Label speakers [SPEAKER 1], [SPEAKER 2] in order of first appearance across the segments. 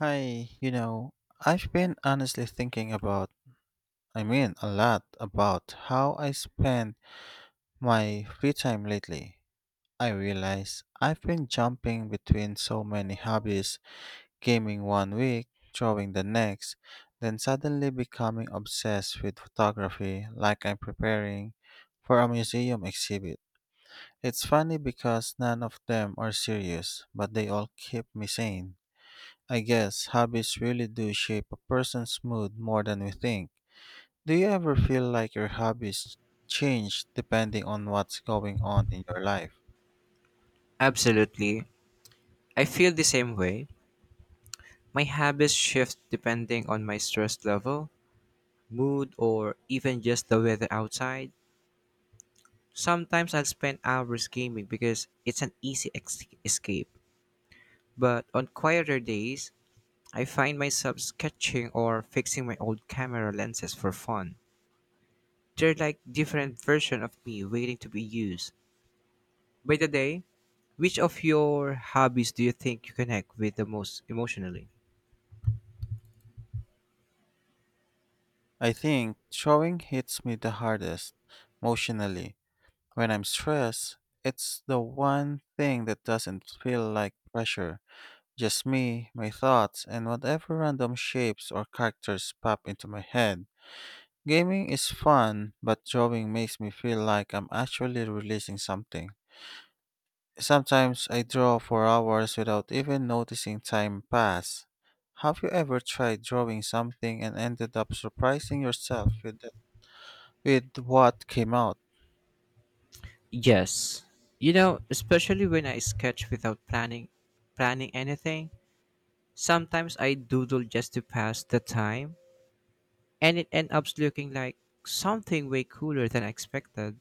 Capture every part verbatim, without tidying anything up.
[SPEAKER 1] Hi, you know, I've been honestly thinking about, I mean, a lot about how I spend my free time lately. I realize I've been jumping between so many hobbies, gaming one week, drawing the next, then suddenly becoming obsessed with photography like I'm preparing for a museum exhibit. It's funny because none of them are serious, but they all keep me sane. I guess hobbies really do shape a person's mood more than we think. Do you ever feel like your hobbies change depending on what's going on in your life?
[SPEAKER 2] Absolutely. I feel the same way. My habits shift depending on my stress level, mood, or even just the weather outside. Sometimes I'll spend hours gaming because it's an easy ex- escape. But on quieter days, I find myself sketching or fixing my old camera lenses for fun. They're like different version of me waiting to be used. By the day, which of your hobbies do you think you connect with the most emotionally?
[SPEAKER 1] I think drawing hits me the hardest emotionally. When I'm stressed, it's the one thing that doesn't feel like pressure. Just me, my thoughts, and whatever random shapes or characters pop into my head. Gaming is fun, but drawing makes me feel like I'm actually releasing something. Sometimes I draw for hours without even noticing time pass. Have you ever tried drawing something and ended up surprising yourself with, the- with what came out?
[SPEAKER 2] Yes. You know, especially when I sketch without planning planning anything, sometimes I doodle just to pass the time and it ends up looking like something way cooler than I expected.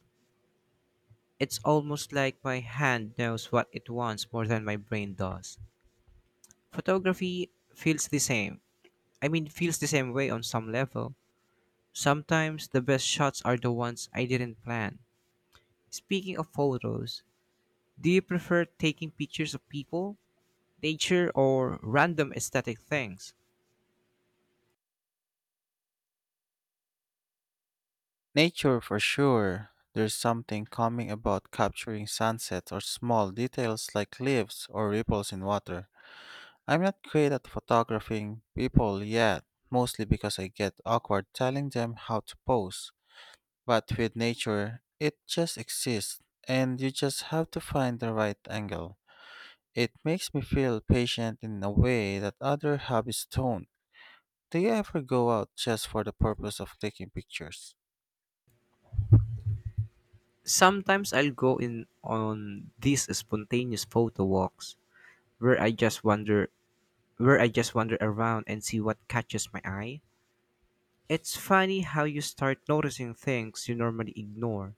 [SPEAKER 2] It's almost like my hand knows what it wants more than my brain does. Photography feels the same. I mean, feels the same way on some level. Sometimes the best shots are the ones I didn't plan. Speaking of photos, do you prefer taking pictures of people, nature, or random aesthetic things?
[SPEAKER 1] Nature for sure. There's something calming about capturing sunsets or small details like leaves or ripples in water. I'm not great at photographing people yet, mostly because I get awkward telling them how to pose. But with nature, it just exists, and you just have to find the right angle. It makes me feel patient in a way that other hobbies don't. Do you ever go out just for the purpose of taking pictures?
[SPEAKER 2] Sometimes I'll go in on these spontaneous photo walks where I just wander where I just wander around and see what catches my eye. It's funny how you start noticing things you normally ignore,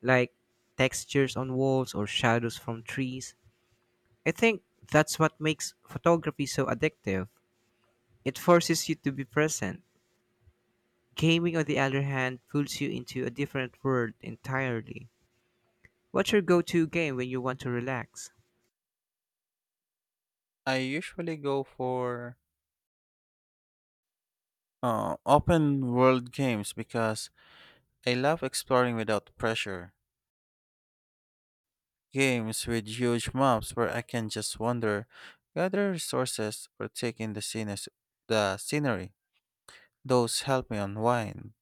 [SPEAKER 2] like textures on walls or shadows from trees. I think that's what makes photography so addictive. It forces you to be present. Gaming, on the other hand, pulls you into a different world entirely. What's your go to game when you want to relax?
[SPEAKER 1] I usually go for uh, open world games because I love exploring without pressure. Games with huge maps where I can just wander, gather resources, or take in the, scenes, the scenery. Those help me unwind.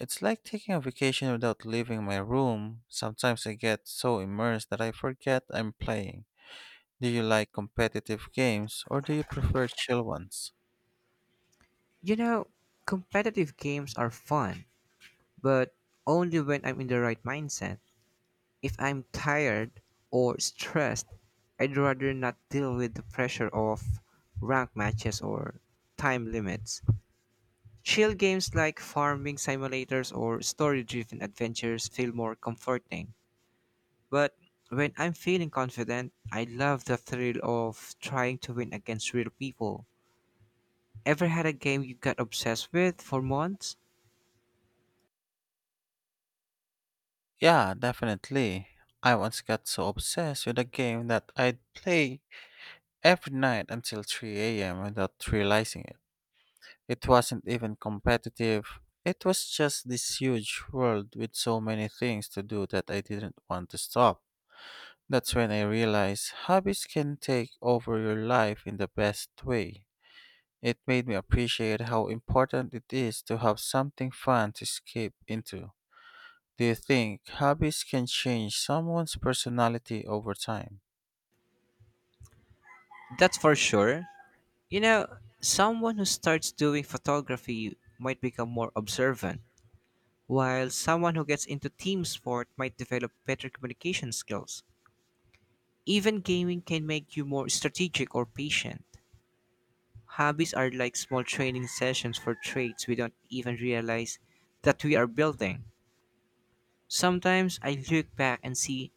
[SPEAKER 1] It's like taking a vacation without leaving my room. Sometimes I get so immersed that I forget I'm playing. Do you like competitive games or do you prefer chill ones?
[SPEAKER 2] You know, competitive games are fun, but only when I'm in the right mindset. If I'm tired or stressed, I'd rather not deal with the pressure of rank matches or time limits. Chill games like farming simulators or story driven adventures feel more comforting. But when I'm feeling confident, I love the thrill of trying to win against real people. Ever had a game you got obsessed with for months?
[SPEAKER 1] Yeah, definitely. I once got so obsessed with a game that I'd play every night until three a m without realizing it. It wasn't even competitive. It was just this huge world with so many things to do that I didn't want to stop. That's when I realized hobbies can take over your life in the best way. It made me appreciate how important it is to have something fun to escape into. Do you think hobbies can change someone's personality over time?
[SPEAKER 2] That's for sure. You know, someone who starts doing photography might become more observant, while someone who gets into team sport might develop better communication skills. Even gaming can make you more strategic or patient. Hobbies are like small training sessions for traits we don't even realize that we are building. Sometimes I look back and see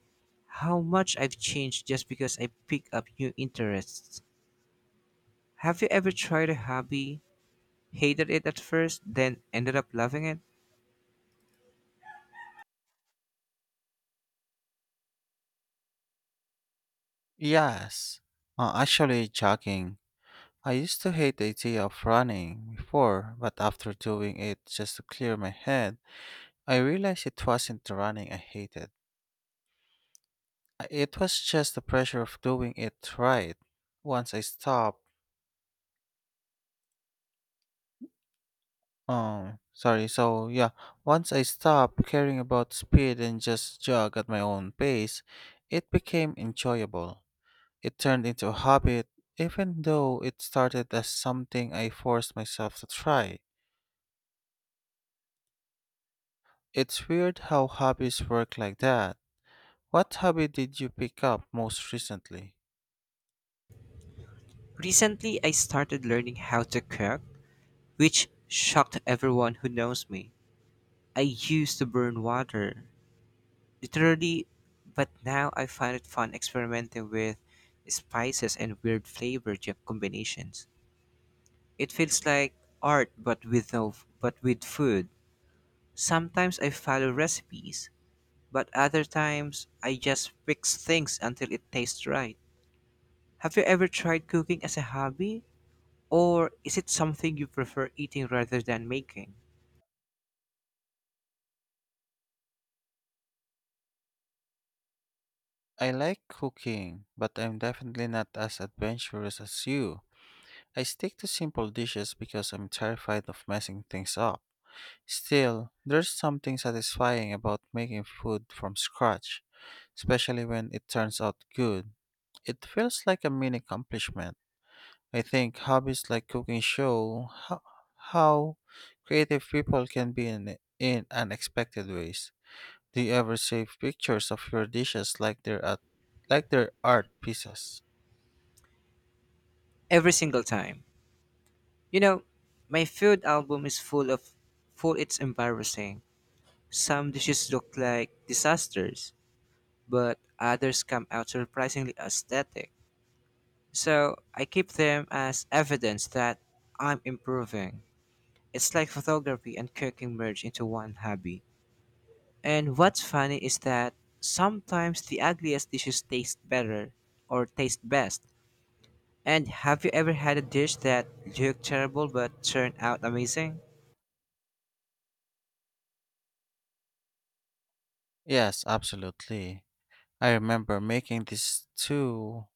[SPEAKER 2] how much I've changed just because I pick up new interests. Have you ever tried a hobby, hated it at first, then ended up loving it?
[SPEAKER 1] Yes. Uh, actually, jogging. I used to hate the idea of running before, but after doing it just to clear my head, I realized it wasn't the running I hated. I- It was just the pressure of doing it right. Once I stopped, um, sorry, so yeah, once I stopped caring about speed and just jog at my own pace, it became enjoyable. It turned into a habit, even though it started as something I forced myself to try. It's weird how hobbies work like that. What hobby did you pick up most recently?
[SPEAKER 2] Recently, I started learning how to cook, which shocked everyone who knows me. I used to burn water, literally, but now I find it fun experimenting with spices and weird flavor ju- combinations. It feels like art but with no but with food. Sometimes I follow recipes, but other times I just fix things until it tastes right. Have you ever tried cooking as a hobby? Or is it something you prefer eating rather than making?
[SPEAKER 1] I like cooking, but I'm definitely not as adventurous as you. I stick to simple dishes because I'm terrified of messing things up. Still, there's something satisfying about making food from scratch, especially when it turns out good. It feels like a mini accomplishment. I think hobbies like cooking show how, how creative people can be in, in unexpected ways. Do you ever save pictures of your dishes like they're at, like they're art pieces?
[SPEAKER 2] Every single time. You know, my food album is full of full It's embarrassing. Some dishes look like disasters, but others come out surprisingly aesthetic. So I keep them as evidence that I'm improving. It's like photography and cooking merge into one hobby. And what's funny is that sometimes the ugliest dishes taste better or taste best. And have you ever had a dish that looked terrible but turned out amazing?
[SPEAKER 1] Yes, absolutely. I remember making this too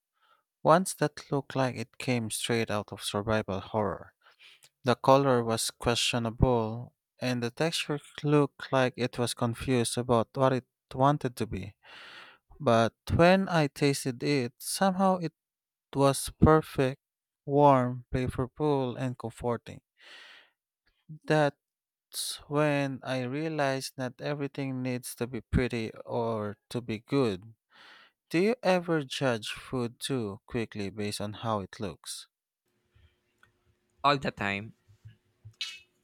[SPEAKER 1] once that looked like it came straight out of survival horror. The color was questionable, and the texture looked like it was confused about what it wanted to be. But when I tasted it, somehow it was perfect, warm, flavorful, and comforting. That's when I realized not everything needs to be pretty or to be good. Do you ever judge food too quickly based on how it looks?
[SPEAKER 2] All the time.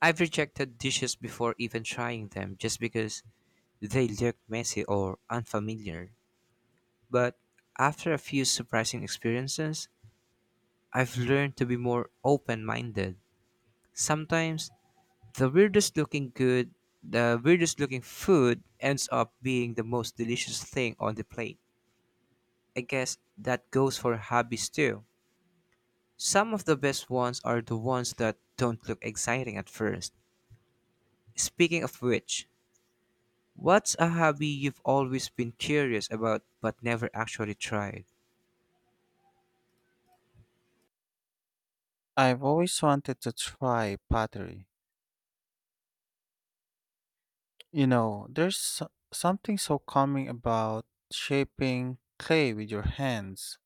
[SPEAKER 2] I've rejected dishes before even trying them just because they looked messy or unfamiliar. But after a few surprising experiences, I've learned to be more open minded. Sometimes The weirdest looking good, the weirdest looking food ends up being the most delicious thing on the plate. I guess that goes for hobbies too. Some of the best ones are the ones that don't look exciting at first. Speaking of which, what's a hobby you've always been curious about but never actually tried?
[SPEAKER 1] I've always wanted to try pottery. You know, there's so- something so calming about shaping clay with your hands.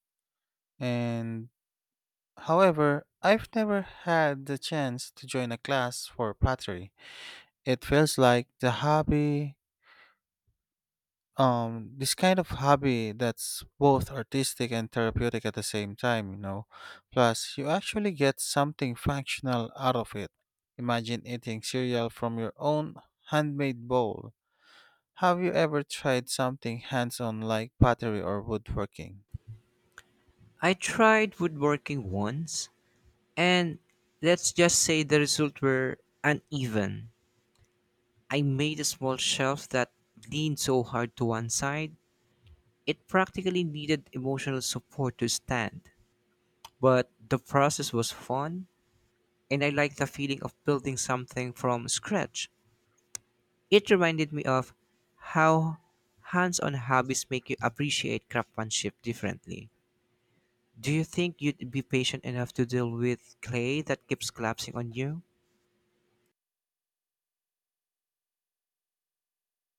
[SPEAKER 1] And however, I've never had the chance to join a class for pottery. It feels like the hobby um this kind of hobby that's both artistic and therapeutic at the same time you know Plus, you actually get something functional out of it. Imagine eating cereal from your own handmade bowl. Have you ever tried something hands-on like pottery or woodworking?
[SPEAKER 2] I tried woodworking once, and let's just say the results were uneven. I made a small shelf that leaned so hard to one side, it practically needed emotional support to stand. But the process was fun, and I liked the feeling of building something from scratch. It reminded me of how hands on hobbies make you appreciate craftsmanship differently. Do you think you'd be patient enough to deal with clay that keeps collapsing on you?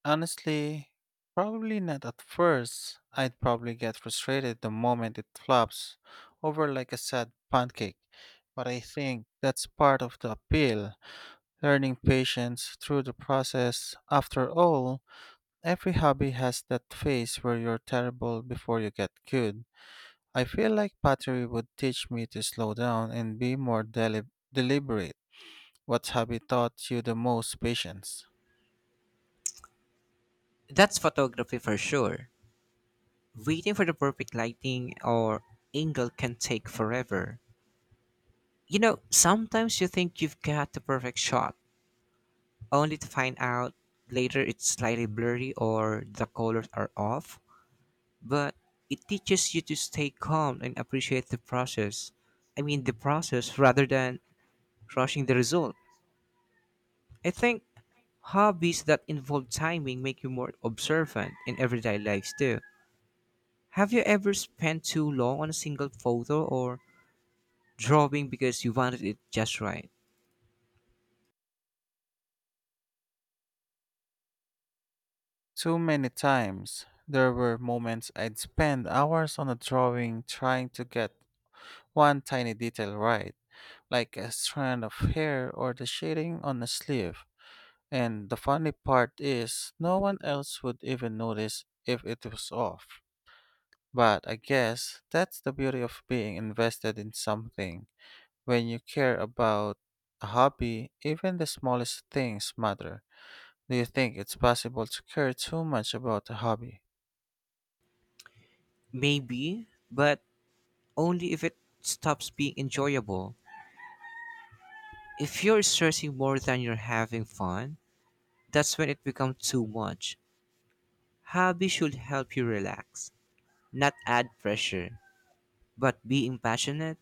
[SPEAKER 1] Honestly, probably not at first. I'd probably get frustrated the moment it flops over like a sad pancake, but I think that's part of the appeal, learning patience through the process. After all, every hobby has that phase where you're terrible before you get good. I feel like pottery would teach me to slow down and be more deli- deliberate. What hobby taught you the most patience?
[SPEAKER 2] That's photography for sure. Waiting for the perfect lighting or angle can take forever. You know, sometimes you think you've got the perfect shot, only to find out later it's slightly blurry or the colors are off. But it teaches you to stay calm and appreciate the process. I mean, the process rather than rushing the result. I think hobbies that involve timing make you more observant in everyday lives too. Have you ever spent too long on a single photo or drawing because you wanted it just right?
[SPEAKER 1] Too many times, there were moments I'd spend hours on a drawing trying to get one tiny detail right, like a strand of hair or the shading on a sleeve. And the funny part is, no one else would even notice if it was off. But I guess that's the beauty of being invested in something. When you care about a hobby, even the smallest things matter. Do you think it's possible to care too much about a hobby?
[SPEAKER 2] Maybe, but only if it stops being enjoyable. If you're stressing more than you're having fun, that's when it becomes too much. Hobby should help you relax, not add pressure. But being passionate,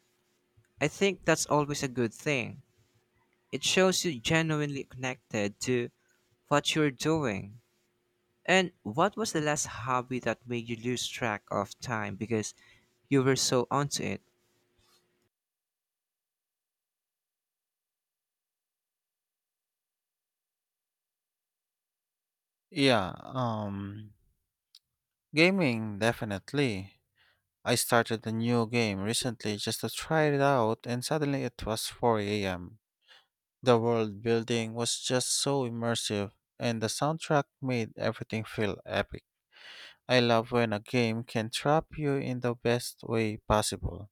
[SPEAKER 2] I think that's always a good thing. It shows you genuinely connected to what you're doing. And what was the last hobby that made you lose track of time because you were so onto it?
[SPEAKER 1] Yeah, um, Gaming definitely. I started a new game recently just to try it out, and suddenly it was four a m. The world building was just so immersive, and the soundtrack made everything feel epic. I love when a game can trap you in the best way possible.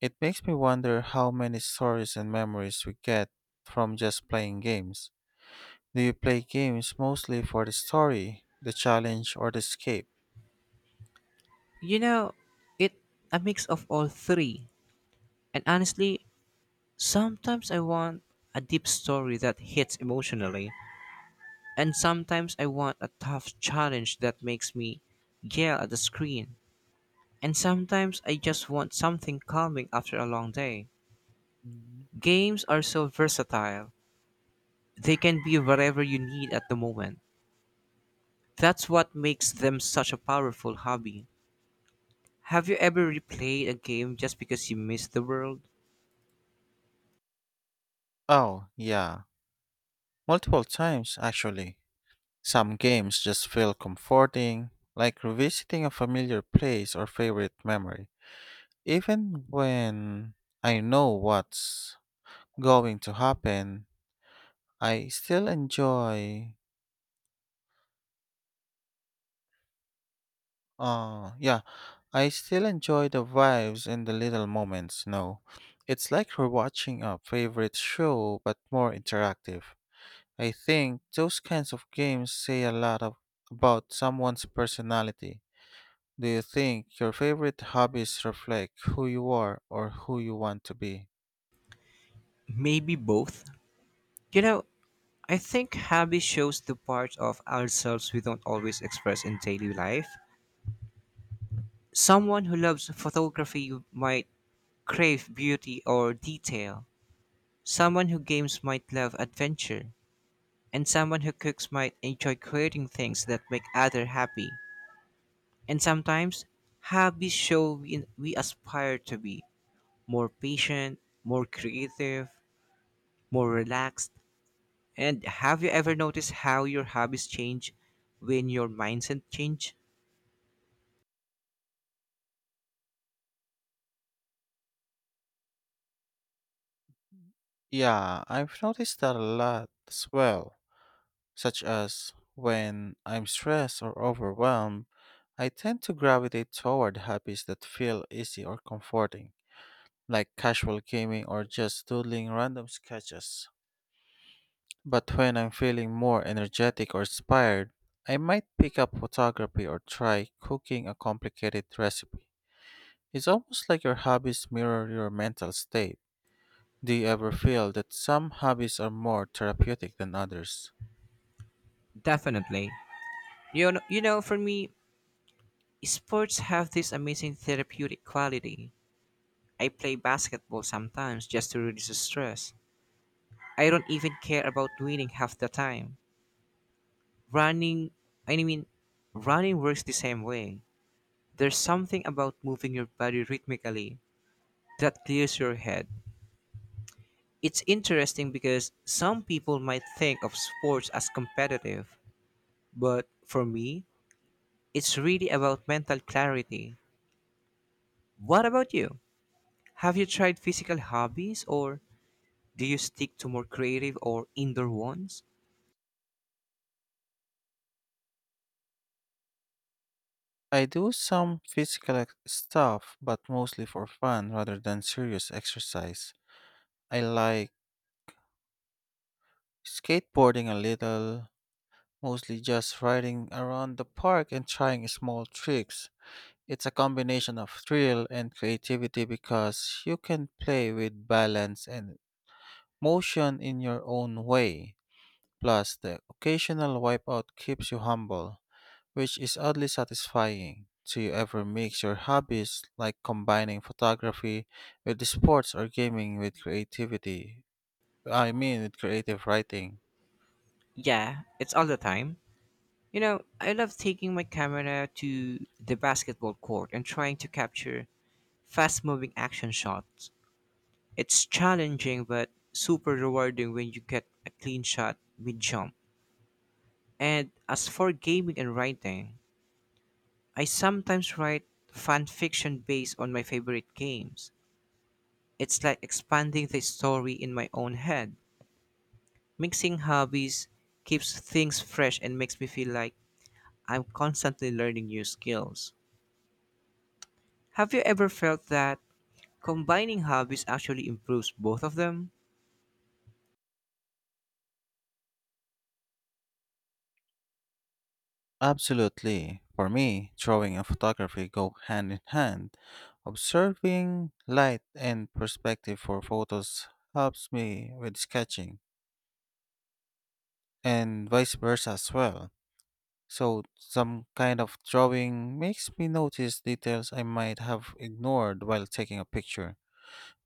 [SPEAKER 1] It makes me wonder how many stories and memories we get from just playing games. Do you play games mostly for the story, the challenge, or the escape?
[SPEAKER 2] You know, it a mix of all three. And honestly, sometimes I want a deep story that hits emotionally, and sometimes I want a tough challenge that makes me yell at the screen, and sometimes I just want something calming after a long day.
[SPEAKER 1] Mm.
[SPEAKER 2] Games are so versatile, they can be whatever you need at the moment. That's what makes them such a powerful hobby. Have you ever replayed a game just because you missed the world?
[SPEAKER 1] Oh, yeah. Multiple times, actually. Some games just feel comforting, like revisiting a familiar place or favorite memory. Even when I know what's going to happen, I still enjoy uh yeah, I still enjoy the vibes and the little moments, no. It's like we're watching a favorite show but more interactive. I think those kinds of games say a lot of about someone's personality. Do you think your favorite hobbies reflect who you are or who you want to be?
[SPEAKER 2] Maybe both. You know, I think hobby shows the parts of ourselves we don't always express in daily life. Someone who loves photography might crave beauty or detail. Someone who games might love adventure. And someone who cooks might enjoy creating things that make others happy. And sometimes, hobbies show we, we aspire to be more patient, more creative, more relaxed. And have you ever noticed how your hobbies change when your mindset change?
[SPEAKER 1] Yeah, I've noticed that a lot as well. Such as when I'm stressed or overwhelmed, I tend to gravitate toward hobbies that feel easy or comforting, like casual gaming or just doodling random sketches. But when I'm feeling more energetic or inspired, I might pick up photography or try cooking a complicated recipe. It's almost like your hobbies mirror your mental state. Do you ever feel that some hobbies are more therapeutic than others?
[SPEAKER 2] Definitely. You know, you know, for me, sports have this amazing therapeutic quality. I play basketball sometimes just to reduce the stress. I don't even care about winning half the time. Running, I mean, running works the same way. There's something about moving your body rhythmically that clears your head. It's interesting because some people might think of sports as competitive, but for me, it's really about mental clarity. What about you? Have you tried physical hobbies or do you stick to more creative or indoor ones?
[SPEAKER 1] I do some physical ex- stuff, but mostly for fun rather than serious exercise. I like skateboarding a little, mostly just riding around the park and trying small tricks. It's a combination of thrill and creativity because you can play with balance and motion in your own way. Plus, the occasional wipeout keeps you humble, which is oddly satisfying. Do you ever mix your hobbies, like combining photography with sports or gaming with creativity? I mean, with creative writing?
[SPEAKER 2] Yeah, it's all the time. You know, I love taking my camera to the basketball court and trying to capture fast moving action shots. It's challenging but super rewarding when you get a clean shot mid jump. And as for gaming and writing, I sometimes write fan fiction based on my favorite games. It's like expanding the story in my own head. Mixing hobbies keeps things fresh and makes me feel like I'm constantly learning new skills. Have you ever felt that combining hobbies actually improves both of them?
[SPEAKER 1] Absolutely. For me, drawing and photography go hand in hand. Observing light and perspective for photos helps me with sketching, and vice versa as well. So, some kind of drawing makes me notice details I might have ignored while taking a picture.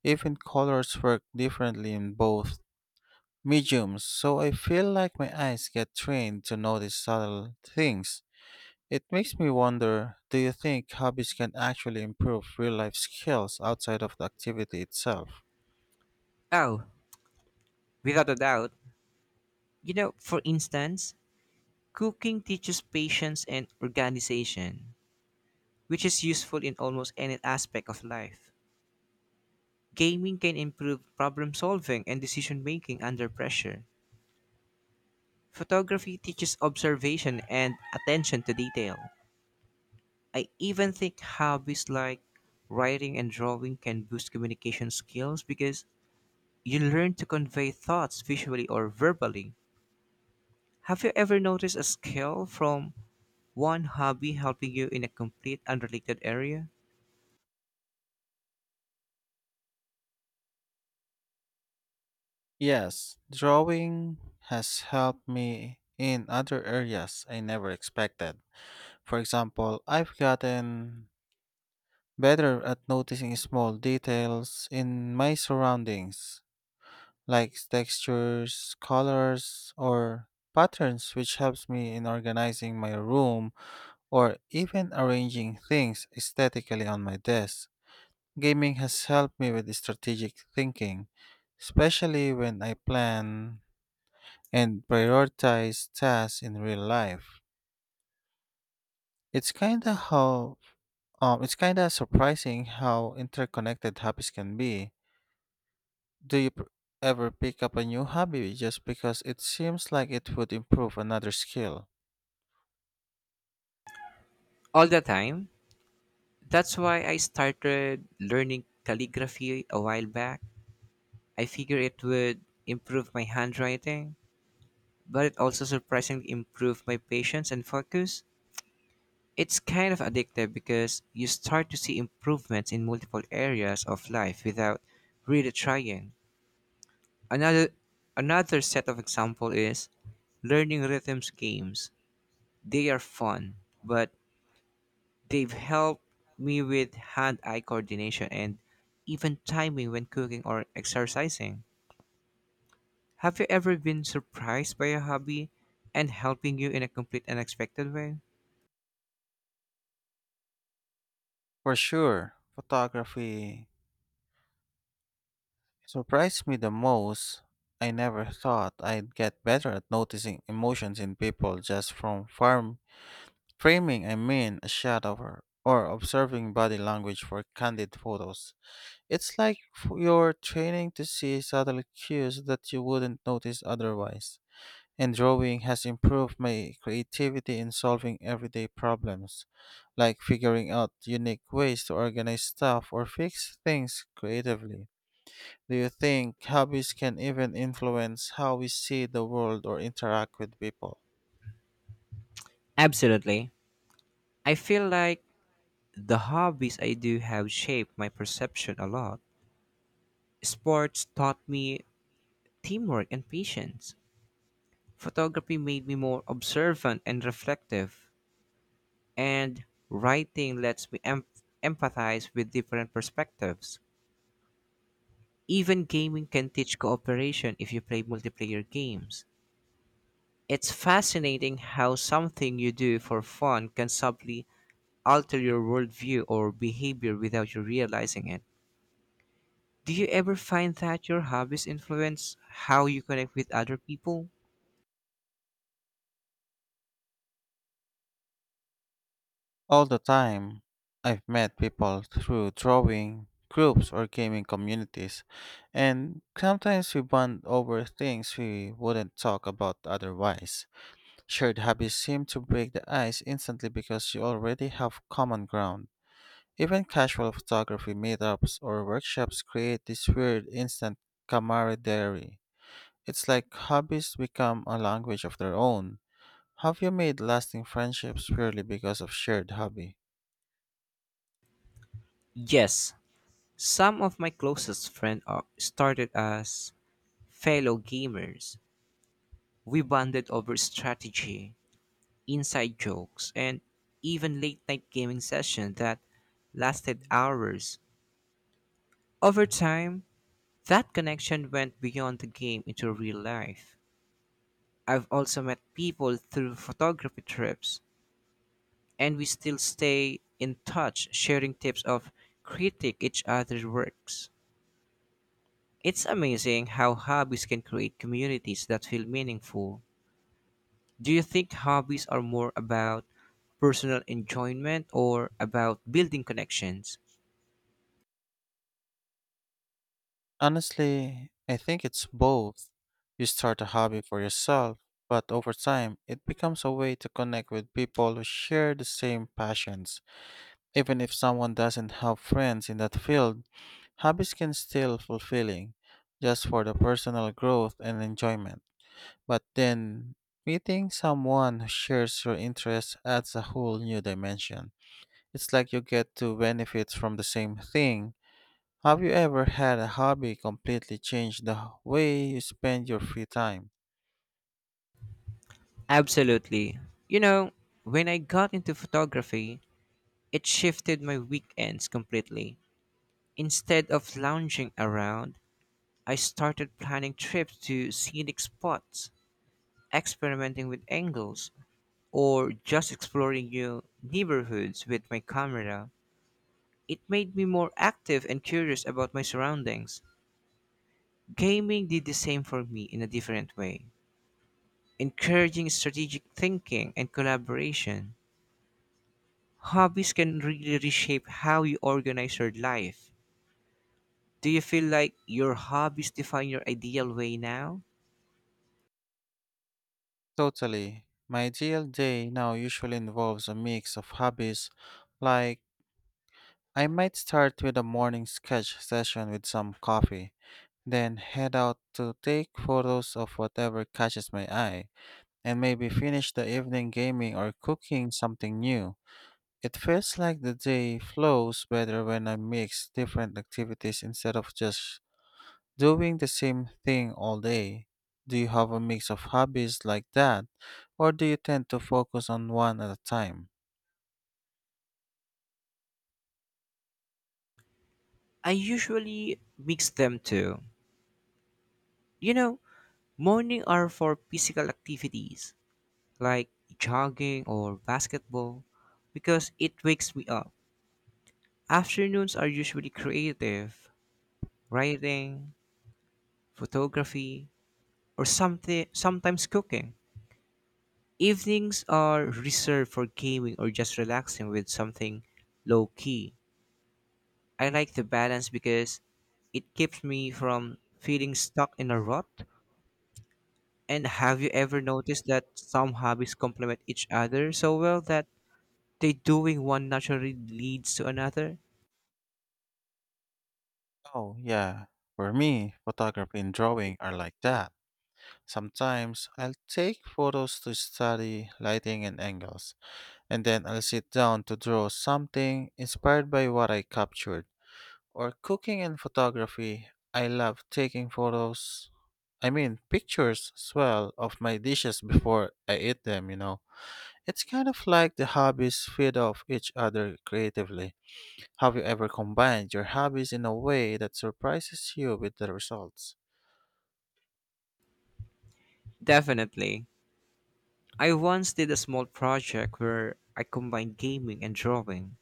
[SPEAKER 1] Even colors work differently in both mediums, so I feel like my eyes get trained to notice subtle things. It makes me wonder, do you think hobbies can actually improve real life skills outside of the activity itself?
[SPEAKER 2] Oh, without a doubt. You know, for instance, cooking teaches patience and organization, which is useful in almost any aspect of life. Gaming can improve problem solving and decision making under pressure. Photography teaches observation and attention to detail. I even think hobbies like writing and drawing can boost communication skills because you learn to convey thoughts visually or verbally. Have you ever noticed a skill from one hobby helping you in a complete unrelated area?
[SPEAKER 1] Yes, drawing has helped me in other areas I never expected. For example, I've gotten better at noticing small details in my surroundings like textures, colors, or patterns, which helps me in organizing my room or even arranging things aesthetically on my desk. Gaming has helped me with strategic thinking, especially when I plan and prioritize tasks in real life. It's kind of how um, it's kind of surprising how interconnected hobbies can be. Do you pr- ever pick up a new hobby just because it seems like it would improve another skill?
[SPEAKER 2] All the time. That's why I started learning calligraphy a while back. I figured it would improve my handwriting, but it also surprisingly improved my patience and focus. It's kind of addictive because you start to see improvements in multiple areas of life without really trying. Another another set of example is learning rhythms games. They are fun, but they've helped me with hand-eye coordination and even timing when cooking or exercising. Have you ever been surprised by a hobby and helping you in a complete unexpected way?
[SPEAKER 1] For sure, photography surprised me the most. I never thought I'd get better at noticing emotions in people just from farm framing, I mean, a shot of her, or observing body language for candid photos. It's like f- you're training to see subtle cues that you wouldn't notice otherwise. And drawing has improved my creativity in solving everyday problems, like figuring out unique ways to organize stuff or fix things creatively. Do you think hobbies can even influence how we see the world or interact with people?
[SPEAKER 2] Absolutely. I feel like the hobbies I do have shaped my perception a lot. Sports taught me teamwork and patience. Photography made me more observant and reflective. And writing lets me em- empathize with different perspectives. Even gaming can teach cooperation if you play multiplayer games. It's fascinating how something you do for fun can subtly alter your worldview or behavior without you realizing it. Do you ever find that your hobbies influence how you connect with other people?
[SPEAKER 1] All the time. I've met people through drawing groups or gaming communities, and sometimes we bond over things we wouldn't talk about otherwise. Shared hobbies seem to break the ice instantly because you already have common ground. Even casual photography meetups or workshops create this weird instant camaraderie. It's like hobbies become a language of their own. Have you made lasting friendships purely because of shared hobby?
[SPEAKER 2] Yes, some of my closest friends are started as fellow gamers. We bonded over strategy, inside jokes, and even late night gaming sessions that lasted hours. Over time, that connection went beyond the game into real life. I've also met people through photography trips and we still stay in touch, sharing tips of critique each other's works. It's amazing how hobbies can create communities that feel meaningful. Do you think hobbies are more about personal enjoyment or about building connections?
[SPEAKER 1] Honestly, I think it's both. You start a hobby for yourself, but over time, it becomes a way to connect with people who share the same passions. Even if someone doesn't have friends in that field, hobbies can still fulfilling just for the personal growth and enjoyment. But then meeting someone who shares your interests adds a whole new dimension. It's like you get two benefits from the same thing. Have you ever had a hobby completely change the way you spend your free time?
[SPEAKER 2] Absolutely. You know, when I got into photography, it shifted my weekends completely. Instead of lounging around, I started planning trips to scenic spots, experimenting with angles, or just exploring new neighborhoods with my camera. It made me more active and curious about my surroundings. Gaming did the same for me in a different way, encouraging strategic thinking and collaboration. Hobbies can really reshape how you organize your life. Do you feel like your hobbies define your ideal way now?
[SPEAKER 1] Totally. My ideal day now usually involves a mix of hobbies like I might start with a morning sketch session with some coffee, then head out to take photos of whatever catches my eye, and maybe finish the evening gaming or cooking something new. It feels like the day flows better when I mix different activities instead of just doing the same thing all day. Do you have a mix of hobbies like that, or do you tend to focus on one at a time?
[SPEAKER 2] I usually mix them too. You know, morning are for physical activities like jogging or basketball, because it wakes me up. Afternoons are usually creative, writing, photography, or something sometimes cooking. Evenings are reserved for gaming or just relaxing with something low key. I like the balance because it keeps me from feeling stuck in a rut. And have you ever noticed that some hobbies complement each other so well that they doing one naturally leads to another?
[SPEAKER 1] Oh, yeah. For me, photography and drawing are like that. Sometimes I'll take photos to study lighting and angles, and then I'll sit down to draw something inspired by what I captured. Or cooking and photography, I love taking photos, I mean, pictures as well of my dishes before I eat them, you know. It's kind of like the hobbies feed off each other creatively. Have you ever combined your hobbies in a way that surprises you with the results?
[SPEAKER 2] Definitely. I once did a small project where I combined gaming and drawing.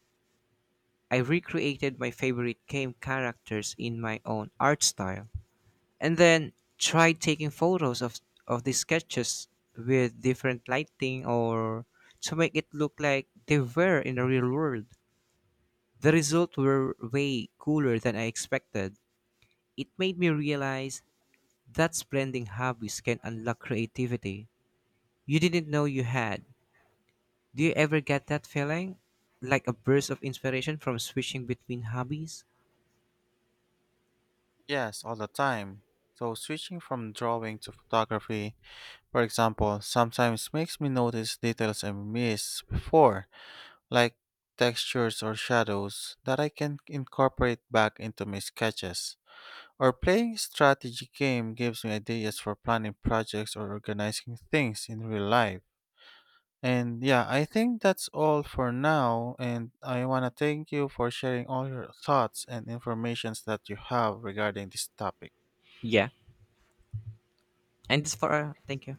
[SPEAKER 2] I recreated my favorite game characters in my own art style and then tried taking photos of, of the sketches with different lighting or to make it look like they were in the real world. The results were way cooler than I expected. It made me realize that blending hobbies can unlock creativity you didn't know you had. Do you ever get that feeling? Like a burst of inspiration from switching between hobbies?
[SPEAKER 1] Yes, all the time. So switching from drawing to photography, for example, sometimes makes me notice details I missed before, like textures or shadows that I can incorporate back into my sketches. Or playing a strategy game gives me ideas for planning projects or organizing things in real life. And yeah, I think that's all for now and I want to thank you for sharing all your thoughts and informations that you have regarding this topic.
[SPEAKER 2] Yeah. And this for, uh, thank you.